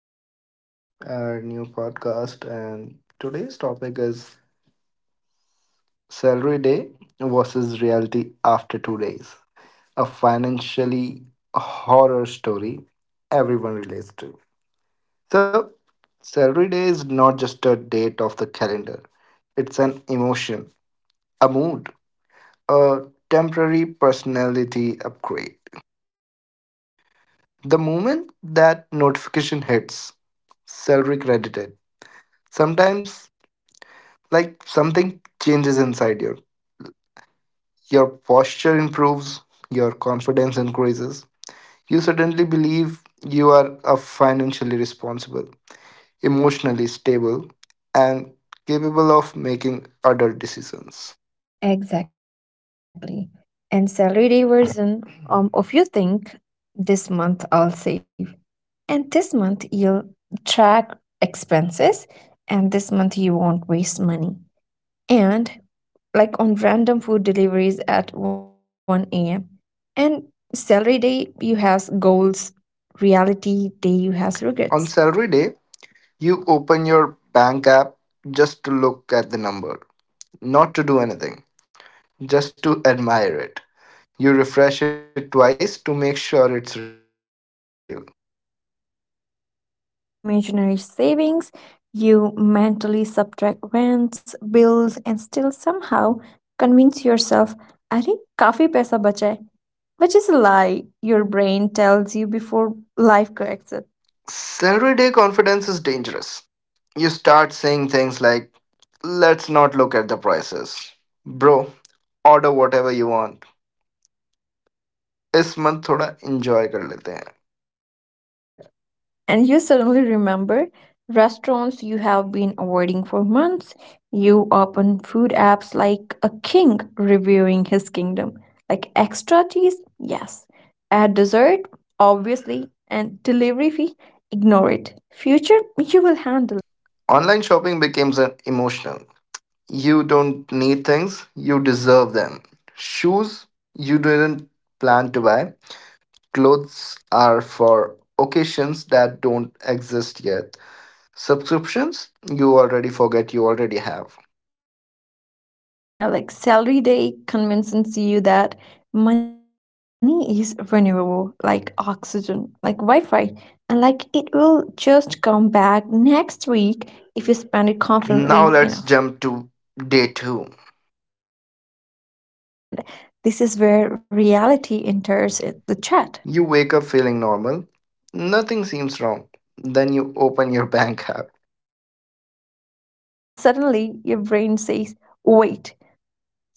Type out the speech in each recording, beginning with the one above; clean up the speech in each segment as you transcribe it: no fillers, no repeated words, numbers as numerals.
back to our new podcast. And today's topic is salary day versus reality after 2 days, a financially horror story everyone relates to. So, salary day is not just a date of the calendar, it's an emotion, a mood, a temporary personality upgrade. The moment that notification hits, salary credited. Sometimes like something changes inside you. Your posture improves, your confidence increases. You suddenly believe you are a financially responsible, emotionally stable, and capable of making adult decisions. Exactly. And salary day version of you think this month I'll save. And this month you'll track expenses and this month you won't waste money. And like on random food deliveries at 1 a.m. And salary day you have goals, reality day you have regrets. On salary day, you open your bank app just to look at the number, not to do anything, just to admire it. You refresh it twice to make sure it's real. Yeah. Like you calculate imaginary savings, you mentally subtract rents, bills, and still somehow convince yourself, I think काफी पैसा बचा which is a lie your brain tells you before life corrects it. Salary day confidence is dangerous. You start saying things like, let's not look at the prices. Bro, order whatever you want. इस month थोड़ा enjoy कर लेते हैं. And you suddenly remember restaurants you have been avoiding for months. You open food apps like a king reviewing his kingdom. Like extra cheese? Yes. Add dessert? Obviously. And delivery fee? Ignore it. Future? You will handle. Online shopping becomes an emotional. You don't need things, you deserve them. Shoes you didn't plan to buy. Clothes are for occasions that don't exist yet. Subscriptions you already forget you already have. Yeah, like salary day convinces you that money is renewable, like oxygen, like Wi Fi. And like it will just come back next week if you spend it Now confidently let's enough. jump to day two. And this is where reality enters the chat. You wake up feeling normal, nothing seems wrong. Then you open your bank app. And suddenly your brain says, wait,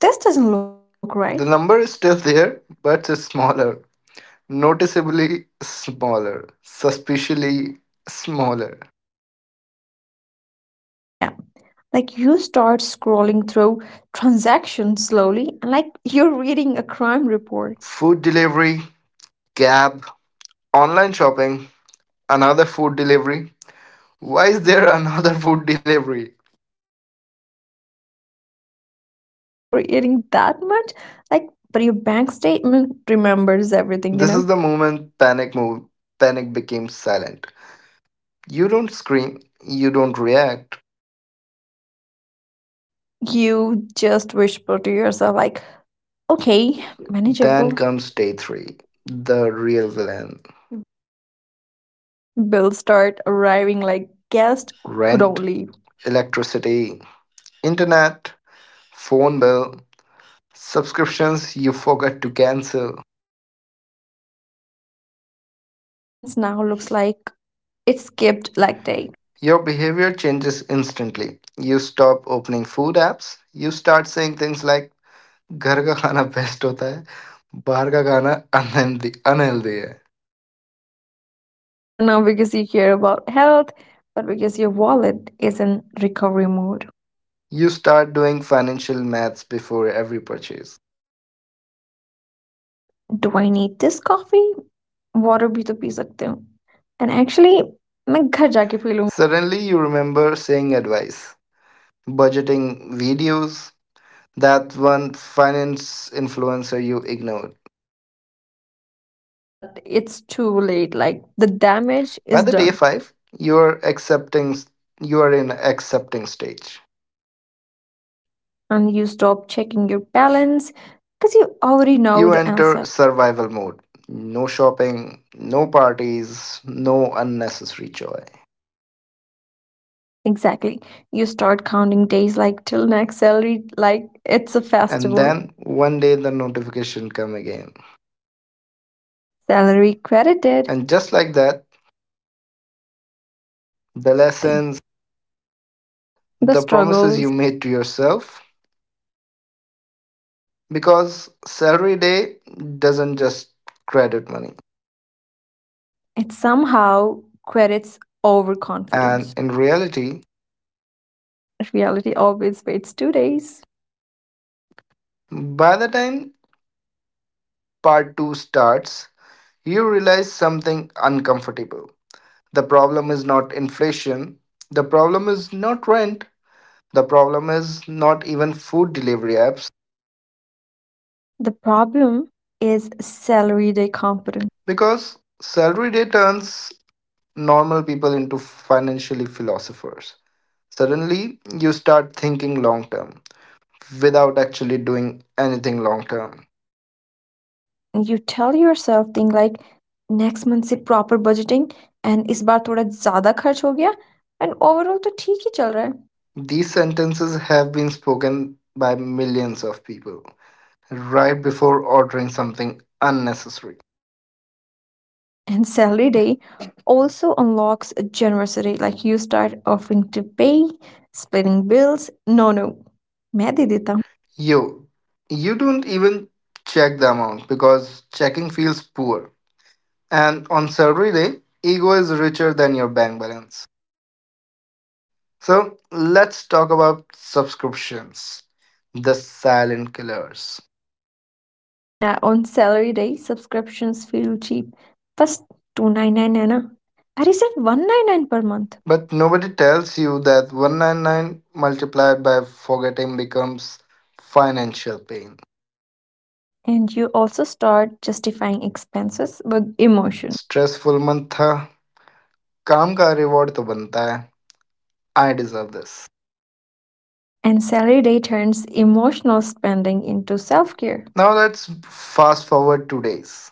this doesn't look right. The number is still there, but it's smaller, noticeably smaller, suspiciously smaller. Yeah. Like you start scrolling through transactions slowly, and like you're reading a crime report, Food delivery, cab, online shopping, another food delivery. Why is there another food delivery? and you don't even remember eating that much. Like, but your bank statement remembers everything, you This is know? the moment panic move. Panic became silent. You don't scream, you don't react. You just whisper to yourself, like, okay, Then manageable. comes day three, the real villain, Bills start arriving like guests who don't rent, leave. electricity, internet, phone bill, subscriptions you forgot to cancel. And your bank balance now looks like it skipped leg day. Your behavior changes instantly. You stop opening food apps, you start saying things like, घर का खाना best होता है, बाहर का खाना unhealthy, unhealthy है. And not because you care about health, but because your wallet is in recovery mode. You start doing financial maths before every purchase. Do I need this coffee? Water bhi to पी sakte हो. And actually, मैं घर jaake पी लूँ. Suddenly you remember saying advice, budgeting videos, that one finance influencer you ignored. But it's too late like the damage By is the day done. five, you're accepting you are in accepting stage. And you stop checking your balance because you already know You the answer. enter survival mode. No shopping, no parties, no unnecessary joy. Exactly. You start counting days like till next salary, like it's a And festival. then one day the notification come again. Salary credited. And just like that, You the forget everything, lessons, the the promises struggles. you made to yourself, because salary day doesn't just credit money. It somehow credits overconfidence. And in reality, Reality always waits 2 days. by the time part 2 starts, you realize something uncomfortable. The problem is not inflation, the problem is not rent, the problem is not even food delivery apps The problem is salary day confidence. because salary day turns normal people into financially philosophers. Suddenly, you start thinking long term without actually doing anything long term. You tell yourself thing like next month से proper budgeting, and इस बार थोड़ा ज़्यादा खर्च हो गया, and overall तो ठीक ही चल रहा है. These sentences have been spoken by millions of people right before ordering something unnecessary. And salary day also unlocks generosity, like you start offering to pay splitting bills, no no, मैं दे देता हूँ. Yo, you don't even check the amount because checking feels poor. And on salary day, ego is richer than your bank balance. So let's talk about subscriptions, the silent killers. Uh, on salary day subscriptions feel cheap, बस 299 है ना. I received 199 per month. But nobody tells you that 199 multiplied by forgetting becomes financial pain. And you also start justifying expenses with emotion. Stressful month था, काम का reward तो बनता है. I deserve this. And salary day turns emotional spending into self-care. Now let's fast forward 2 days.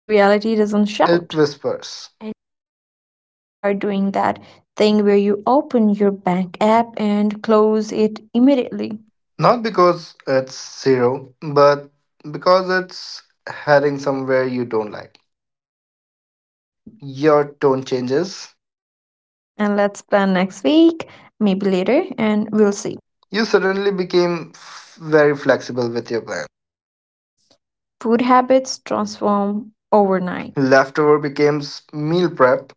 Reality doesn't It shout. whispers. And you start doing that thing where you open your bank app and close it immediately. Not because it's zero, but because it's heading somewhere you don't like. and Your tone changes. and let's plan next week, maybe later and we'll see. You suddenly became very flexible with your plan. Food habits transform overnight, Leftover becomes meal prep,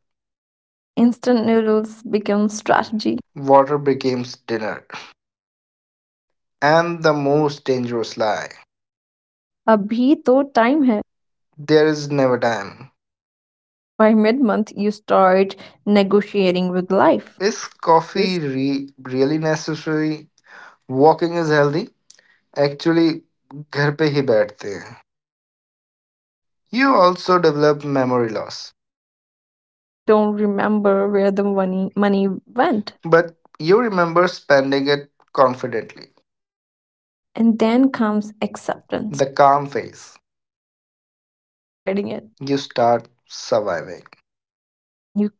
instant noodles become strategy. water becomes dinner. And the most dangerous lie, Abhi to time hai. there is never time. And by mid-month you start negotiating with life. Is coffee really necessary? Walking is healthy? Actually, घर पे ही बैठते हैं. You also develop memory loss. You don't remember where the money went. But you remember spending it confidently. And then comes acceptance. The calm phase. You stop fighting it, You start surviving, and you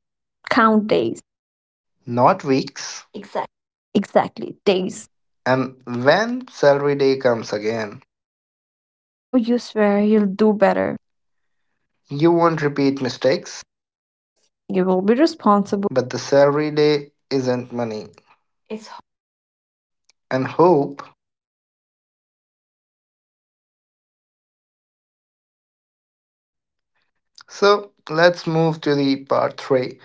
count days. not weeks. Exactly. Exactly, days. And when salary day comes again, Oh, you swear you'll do better. you won't repeat mistakes, You will be responsible. but the salary day isn't money. It's It's hope. and hope. It's very bad with math. So let's move to the part 3,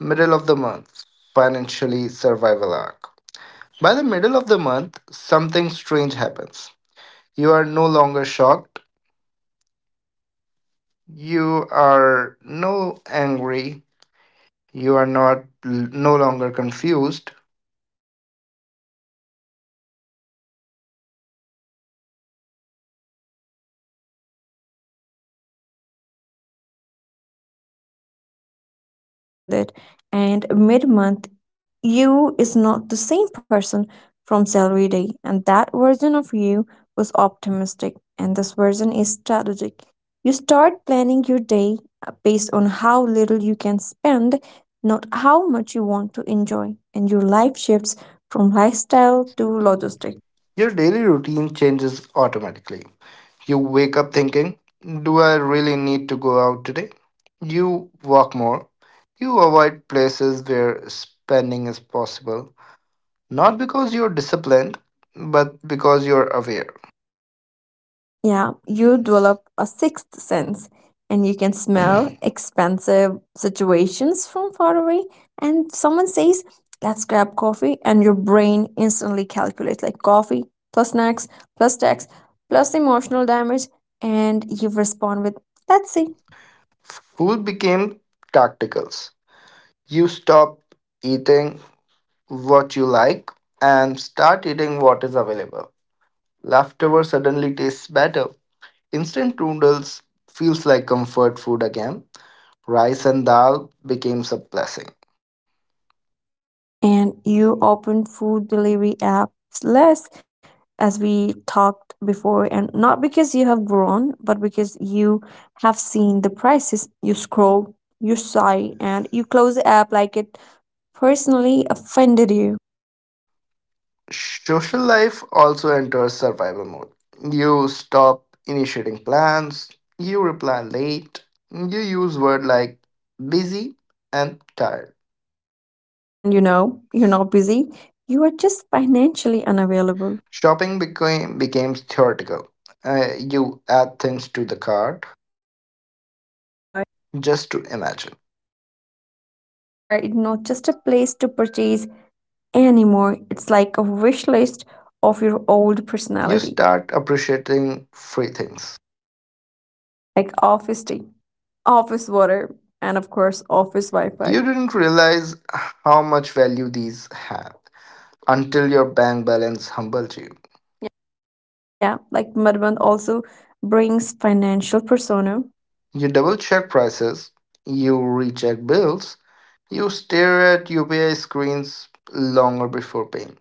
middle of the month financially survival arc. By the middle of the month, something strange happens. You are no longer shocked. You are no angry. You are not no longer confused. And you are alert. Like every rupee suddenly has weight and every expenses feel personal, and you don't spend money, you negotiate with it. And mid-month you is not the same person from salary day, and that version of you was optimistic and this version is strategic. You start planning your day based on how little you can spend, not how much you want to enjoy, and your life shifts from lifestyle to logistics. Your daily routine changes automatically. You wake up thinking, "Do I really need to go out today?" You walk more. You avoid places where spending is possible, not because you're disciplined, but because you're aware. Yeah, you develop a sixth sense and you can smell expensive situations from far away. And someone says, let's grab coffee, and your brain instantly calculates like coffee plus snacks plus tax plus emotional damage. And you respond with, let's see. Food became tacticals. You stop eating what you like and start eating what is available. Leftover suddenly tastes better. Instant noodles feels like comfort food again. Rice and dal becomes a blessing. And you open food delivery apps less, as we talked before, and not because you have grown but because you have seen the prices. You scroll, you sigh, and you close the app like it personally offended you. Social life also enters survival mode. You stop initiating plans, you reply late, you use words like busy and tired. And you know you're not busy, you are just financially unavailable. Shopping became theoretical. You add things to the cart Not to buy. just to imagine. And cart is not just a place to purchase anymore, it's like a wish list of your old You personality. start appreciating free things. Like office tea, office water, and of course, office Wi Fi. You didn't realize how much value these had until your bank balance humbled you. Yeah, like Mudbound also brings financial persona, You double check prices, you recheck bills, you stare at UPI screens longer before paying.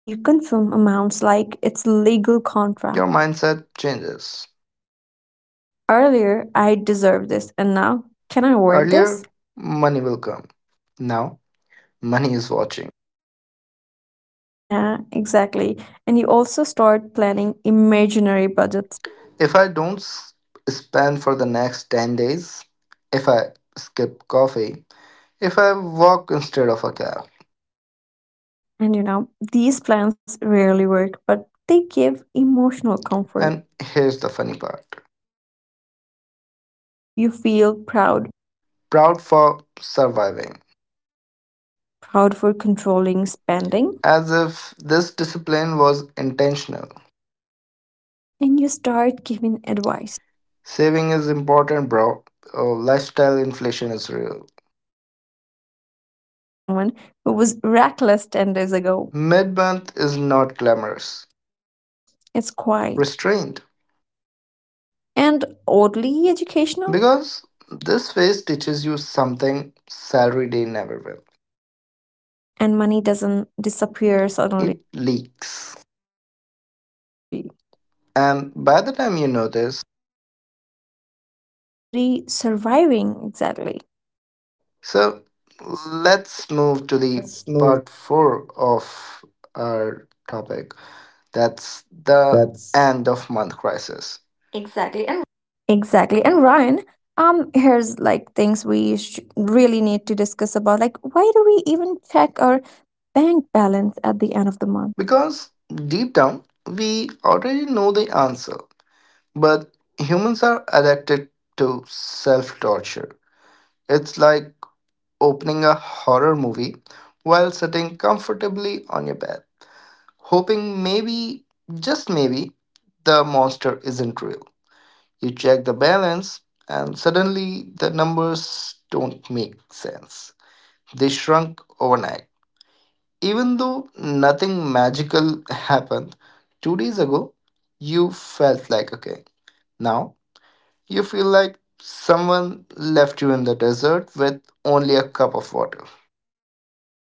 and you confirm amounts like it's legal Your contract. mindset changes. Earlier, I deserve this, and now, can I afford this? Earlier, money will come. Now, money is watching. Yeah, exactly. And you also start planning imaginary budgets. If I don't s- spend for the next 10 days, if I skip coffee, if I walk instead of a cab. And you know, these plans rarely work, but they give emotional comfort. And here's the funny part, Mid month, you feel proud, proud for surviving, proud for controlling spending, as if this discipline was intentional. and you start giving advice. Saving is important, bro. Oh, lifestyle inflation is real. And spoken by someone who was reckless 10 days ago. Mid month is not glamorous. It's quiet Restrained. and oddly educational, Because this phase teaches you something salary day never will. and money doesn't disappear suddenly, It leaks. slowly. And by the time you notice, You're already surviving, exactly. so let's move to the part four of our topic. That's the end of month crisis. Exactly. And Exactly. And Ryan, here's like things we really need to discuss about. Like, why do we even check our bank balance at the end of the month? because deep down, we already know the answer, but humans are addicted to self torture. It's like opening a horror movie while sitting comfortably on your bed, hoping maybe, just maybe, the monster isn't real. You check the balance, and suddenly the numbers don't make sense. They shrunk overnight. Even though nothing magical happened 2 days ago, you felt like a king. Now you feel like someone left you in the desert with only a cup of water.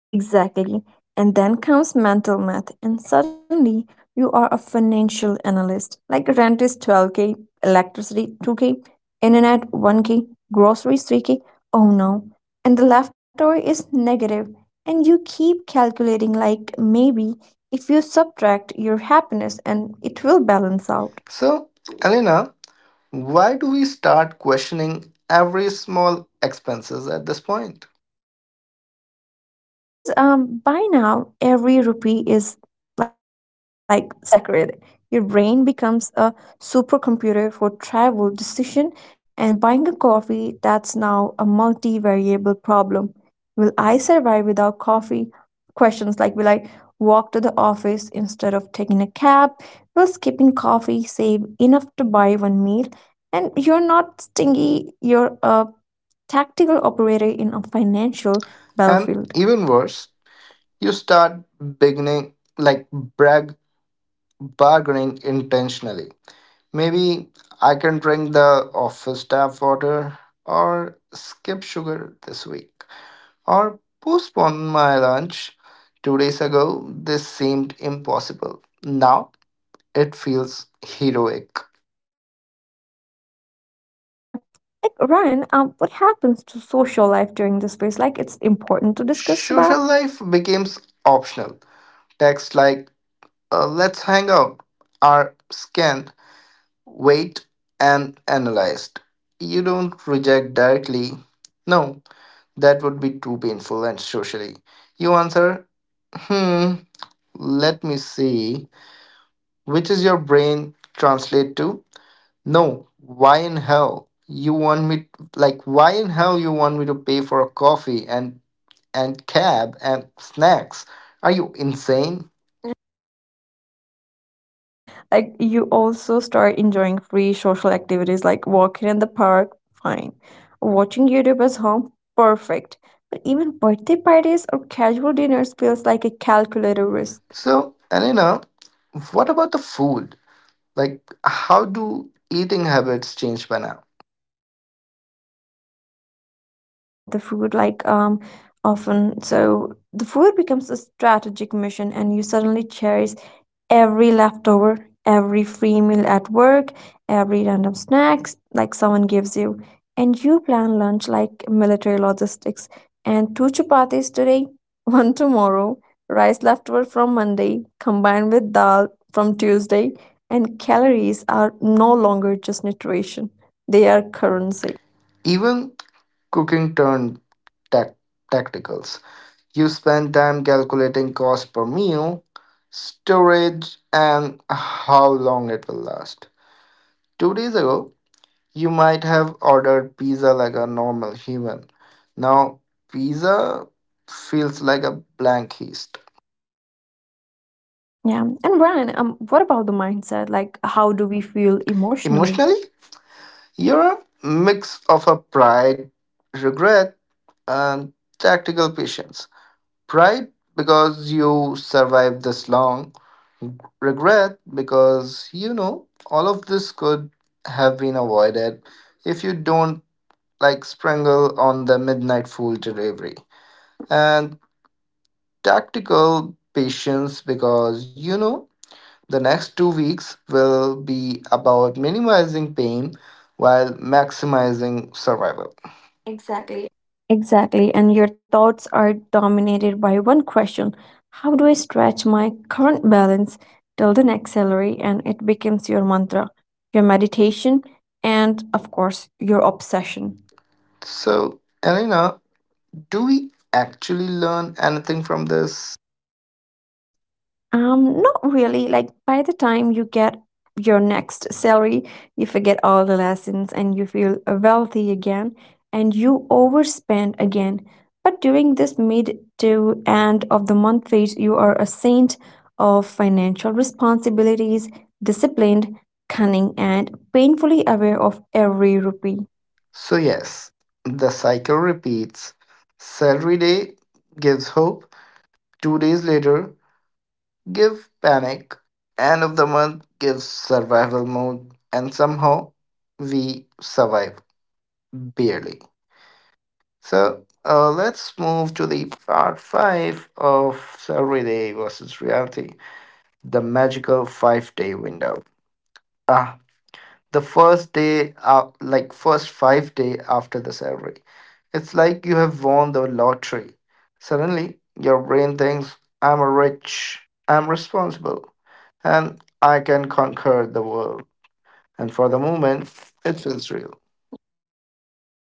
Exactly. And then comes mental math, and suddenly you are a financial analyst. Like rent is 12k, electricity 2k, internet 1k, groceries 3k. Oh no. And the leftover is negative, and you keep calculating like maybe if you subtract your happiness and it will balance out. So, Elena, why do we start questioning every small expenses at this point? Yeah, because by now every rupee is like sacred. Your brain becomes a supercomputer for travel decision, and buying a coffee that's now a multivariable problem. Will I survive without coffee? Questions like will I walk to the office instead of taking a cab? Will skipping coffee save enough to buy one meal? And you're not stingy, you're a tactical operator in a financial And battlefield. even worse, you start beginning like brag bargaining intentionally. Maybe I can drink the office tap water or skip sugar this week or postpone my lunch. 2 days ago, this seemed impossible. Now it feels heroic. Yeah. Like Ryan, what happens to social life during this phase? Like it's important to discuss about. Social life becomes optional. Texts like, let's hang out, are scanned, weighed, and analyzed. You don't reject directly. No, that would be too painful and socially. You answer, hmm, let me see. Which is your brain translate to? No, why in hell? You want me, like why in hell you want me to pay for a coffee and cab and snacks? Are you insane? Exactly. Like you also start enjoying free social activities like walking in the park, fine. Watching YouTube at home, perfect. But even birthday parties or casual dinners feels like a calculated risk. So, Elena, what about the food? Like how do eating habits change by now? Yeah, as we have discussed about the food, like often, so the food becomes a strategic mission, and you suddenly cherish every leftover, every free meal at work, every random snacks like someone gives you, and you plan lunch like military logistics, and two chapatis today, one tomorrow, rice leftover from Monday combined with dal from Tuesday, and calories are no longer just nutrition; they are currency. Even cooking turned tac- tactical. You spend time calculating cost per meal, storage, and how long it will last. 2 days ago, you might have ordered pizza like a normal human. Now, pizza feels like a blank heist. Yeah. And Brian, what about the mindset? Like, how do we feel emotionally? Emotionally, you're a mix of a pride, regret, and tactical patience. Pride because you survived this long, regret because you know all of this could have been avoided if you don't like sprinkle on the midnight fool delivery and tactical patience because you know the next 2 weeks will be about minimizing pain while maximizing survival. Exactly. Exactly. And your thoughts are dominated by one question. How do I stretch my current balance till the next salary? And it becomes your mantra, your meditation, and of course, your obsession. So Elena, do we actually learn anything from this? Not really. Like by the time you get your next salary, you forget all the lessons and you feel wealthy again, and you overspend again. But during this mid to end of the month phase, you are a saint of financial responsibilities, disciplined, cunning, and painfully aware of every rupee. So, yes, the cycle repeats. Salary day gives hope, 2 days later, give panic, end of the month gives survival mode, and somehow we survive barely. So, let's move to the part 5 of salary day versus reality, the magical 5-day window. Ah, the first day like first 5 day after the salary, it's like you have won the lottery. Suddenly your brain thinks, I'm rich, I'm responsible, and I can conquer the world. And for the moment, it feels real.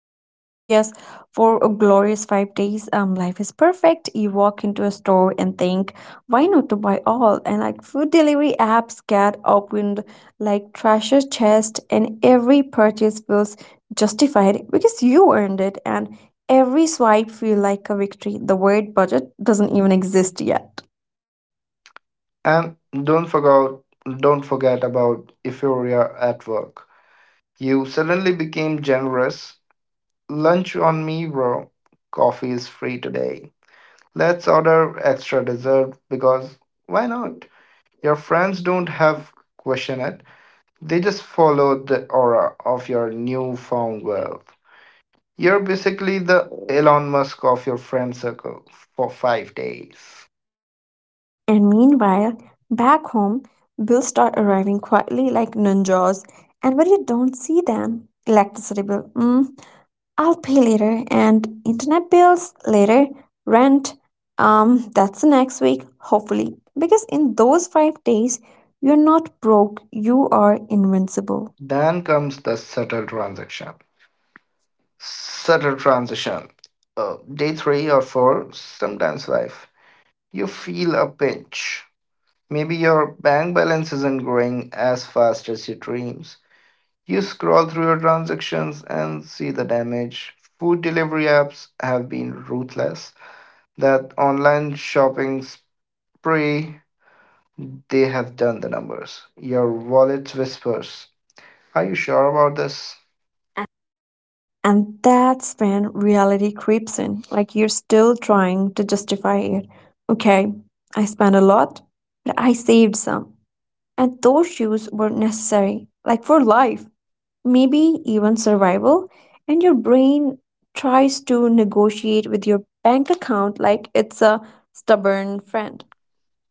Yeah, like yes, for a glorious 5 days, life is perfect. You walk into a store and think, why not to buy all? And like food delivery apps get opened like treasure chest, and every purchase feels justified because you earned it, and every swipe feel like a victory. The word budget doesn't even exist yet. And don't forget don't forget about euphoria at work. You suddenly became generous. Lunch on me, bro. Coffee is free today. Let's order extra dessert because why not? Your friends don't have question it. They just follow the aura of your newfound wealth. You're basically the Elon Musk of your friend circle for 5 days. And meanwhile, back home, bills start arriving quietly like ninjas, and but you don't see them. Electricity bill. Mm, I'll pay later, and internet bills later, rent, that's the next week, hopefully. Because in those 5 days, you're not broke, you are invincible. Then comes the subtle transaction. Subtle transition. Day three or four, sometimes five. You feel a pinch. Maybe your bank balance isn't growing as fast as your dreams. You scroll through your transactions and see the damage. Food delivery apps have been ruthless. That online shopping spree, they have done the numbers. Your wallet whispers, are you sure about this? And that's when reality creeps in, like you're still trying to justify it. Okay, I spent a lot, but I saved some. And those shoes were necessary, like for life, maybe even survival, and your brain tries to negotiate with your bank account like it's a stubborn friend.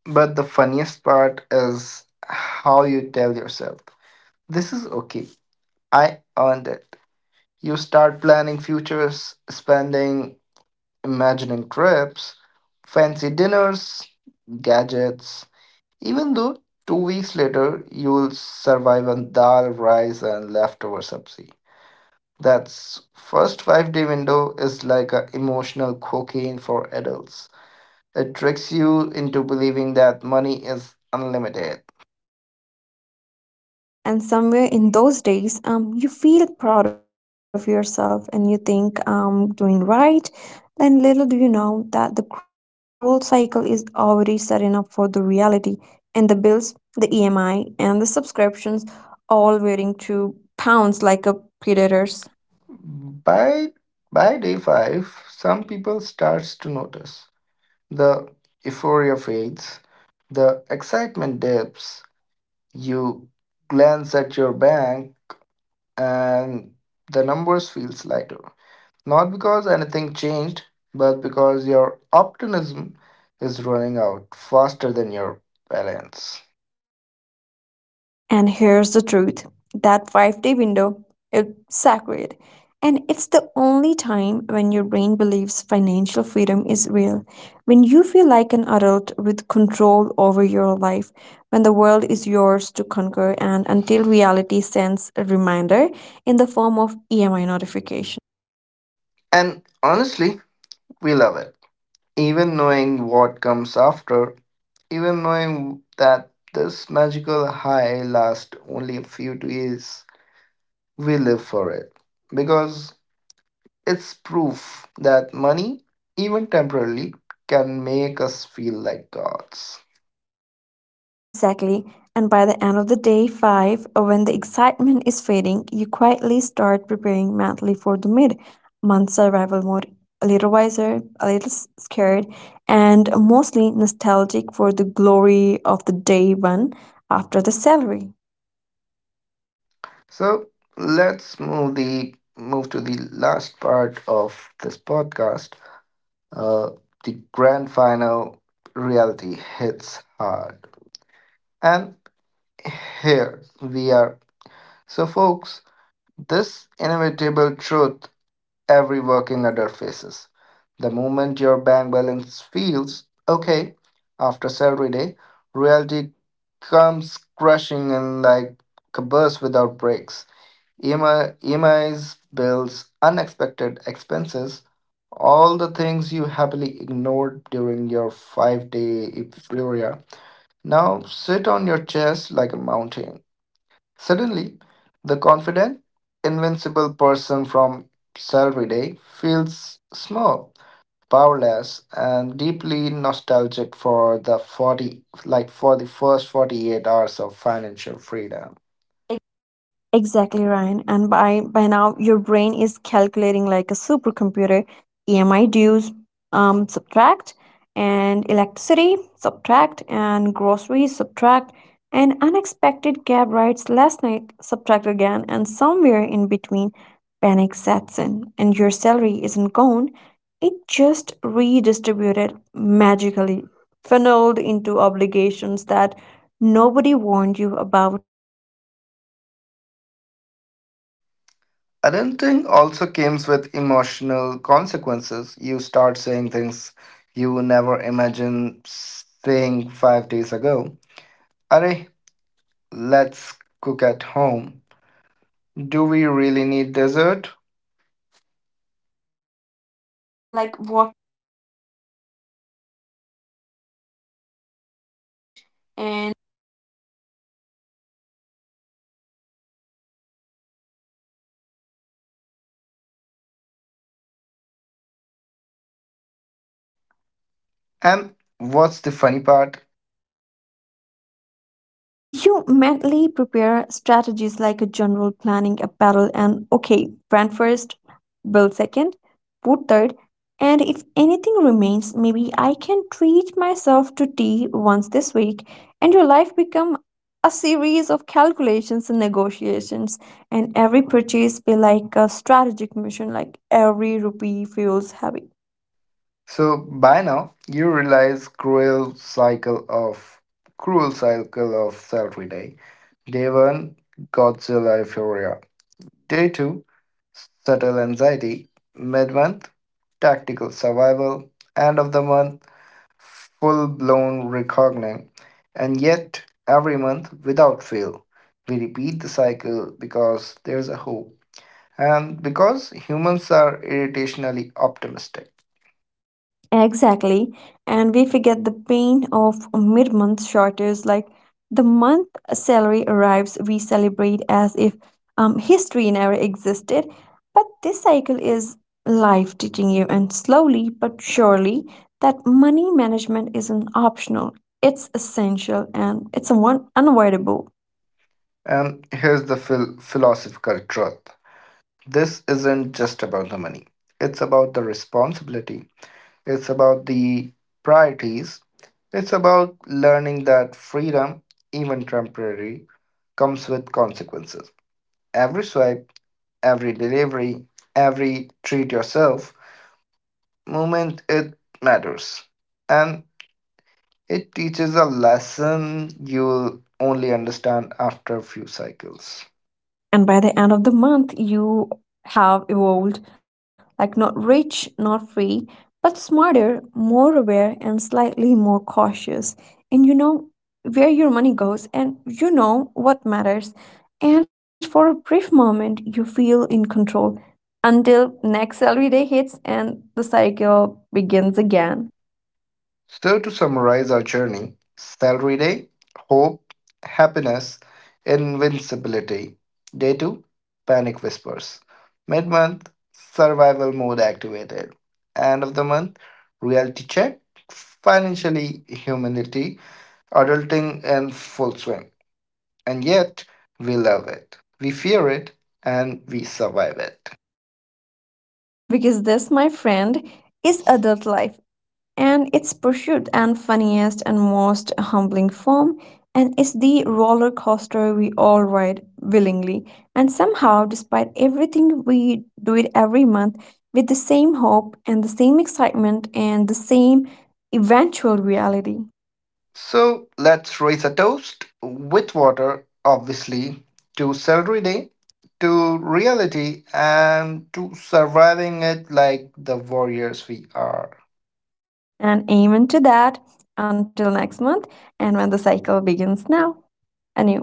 But the funniest part is how you tell yourself, this is okay. I earned it. You start planning futures, spending, imagining trips, fancy dinners, gadgets. Even though 2 weeks later you'll survive on dal, rice, and leftover sabzi. That first 5 day window is like a emotional cocaine for adults. It tricks you into believing that money is unlimited. Exactly. And somewhere in those days, you feel proud of yourself and you think I'm doing right. Then little do you know that the cruel cycle is already setting up for the reality, and the bills, the EMI, and the subscriptions all waiting to pounce like a predators. By by day five, some people starts to notice the euphoria fades, the excitement dips. You glance at your bank, and the numbers feels lighter. Not because anything changed, but because your optimism is running out faster than your balance. And here's the truth, that 5 day window is sacred. And it's the only time when your brain believes financial freedom is real. When you feel like an adult with control over your life, when the world is yours to conquer, and until reality sends a reminder in the form of EMI notification. And honestly, we love it. Even knowing what comes after, even knowing that this magical high lasts only a few days, we live for it. Because it's proof that money, even temporarily, can make us feel like gods. Exactly. And by the end of the day five, when the excitement is fading, you quietly start preparing mentally for the mid month survival mode. A little wiser, a little scared, and mostly nostalgic for the glory of the day one after the salary. So let's move to the last part of this podcast. Uh, the grand final, reality hits hard, and here we are. So, folks, this inevitable truth every working adult faces: the moment your bank balance feels okay after salary day, reality comes crashing in like a bus without brakes. EMIs, bills, unexpected expenses, all the things you happily ignored during your 5 day euphoria, now sit on your chest like a mountain. Suddenly, the confident, invincible person from salary day feels small, powerless, and deeply nostalgic for the 40, like for the first 48 hours of financial freedom. Exactly, Ryan. And by now, your brain is calculating like a supercomputer. EMI dues, subtract, and electricity, subtract, and groceries, subtract, and unexpected cab rides last night, subtract again, and somewhere in between, panic sets in, and your salary isn't gone. It just redistributed magically, funneled into obligations that nobody warned you about when you were celebrating with extra cheese pizza. Adulting also comes with emotional consequences. You start saying things you never imagined saying 5 days ago. Are, let's cook at home. Do we really need dessert? Like what Yeah, like walking is free and let's skip the cab. Your friends think you changed. have and changed, and you think you have changed, but really your money forced the change, its survival instinct disguised as wisdom. And what's the funny part? You mentally prepare strategies like a general planning apparel and okay, brand first, build second, put third, and if anything remains, maybe I can treat myself to tea once this week, and your life become a series of calculations and negotiations, and every purchase be like a strategic mission, like every rupee feels heavy. So by now you realize cruel cycle of salary day. Day one, Godzilla Euphoria. Day 2, Subtle Anxiety, Mid Month, Tactical Survival, End of the Month, Full Blown reckoning. And yet, every month, without fail, we repeat the cycle because there's a hope. And because humans are irritationally optimistic. Exactly. And we forget the pain of mid month shortages. Like the month salary arrives, we celebrate as if history never existed. But this cycle is life teaching you, and slowly but surely, that money management isn't optional, it's essential and it's unavoidable. And here's the philosophical truth, this isn't just about the money, it's about the responsibility, it's about the priorities, it's about learning that freedom, even temporary, comes with consequences. Every swipe, every delivery, every treat yourself moment, it matters. And it teaches a lesson you'll only understand after a few cycles. And by the end of the month you have evolved, like not rich, not free, but smarter, more aware, and slightly more cautious. And you know where your money goes and you know what matters, and for a brief moment you feel in control, until next salary day hits and the cycle begins again. So, to summarize our journey, salary day, hope, happiness, invincibility. Day two, panic whispers. Mid month, survival mode activated. End of the month, reality check, financially, humility, adulting in full swing. And yet, we love it, we fear it, and we survive it. And because this my friend is adult life, and its pursuit and funniest and most humbling form, and is the roller coaster we all ride willingly, and somehow despite everything we do it every month with the same hope and the same excitement and the same eventual reality. So let's raise a toast with water, obviously, to celery day, to reality, and to surviving it like the warriors we are. And amen to that. Until next month, and when the cycle begins now anew.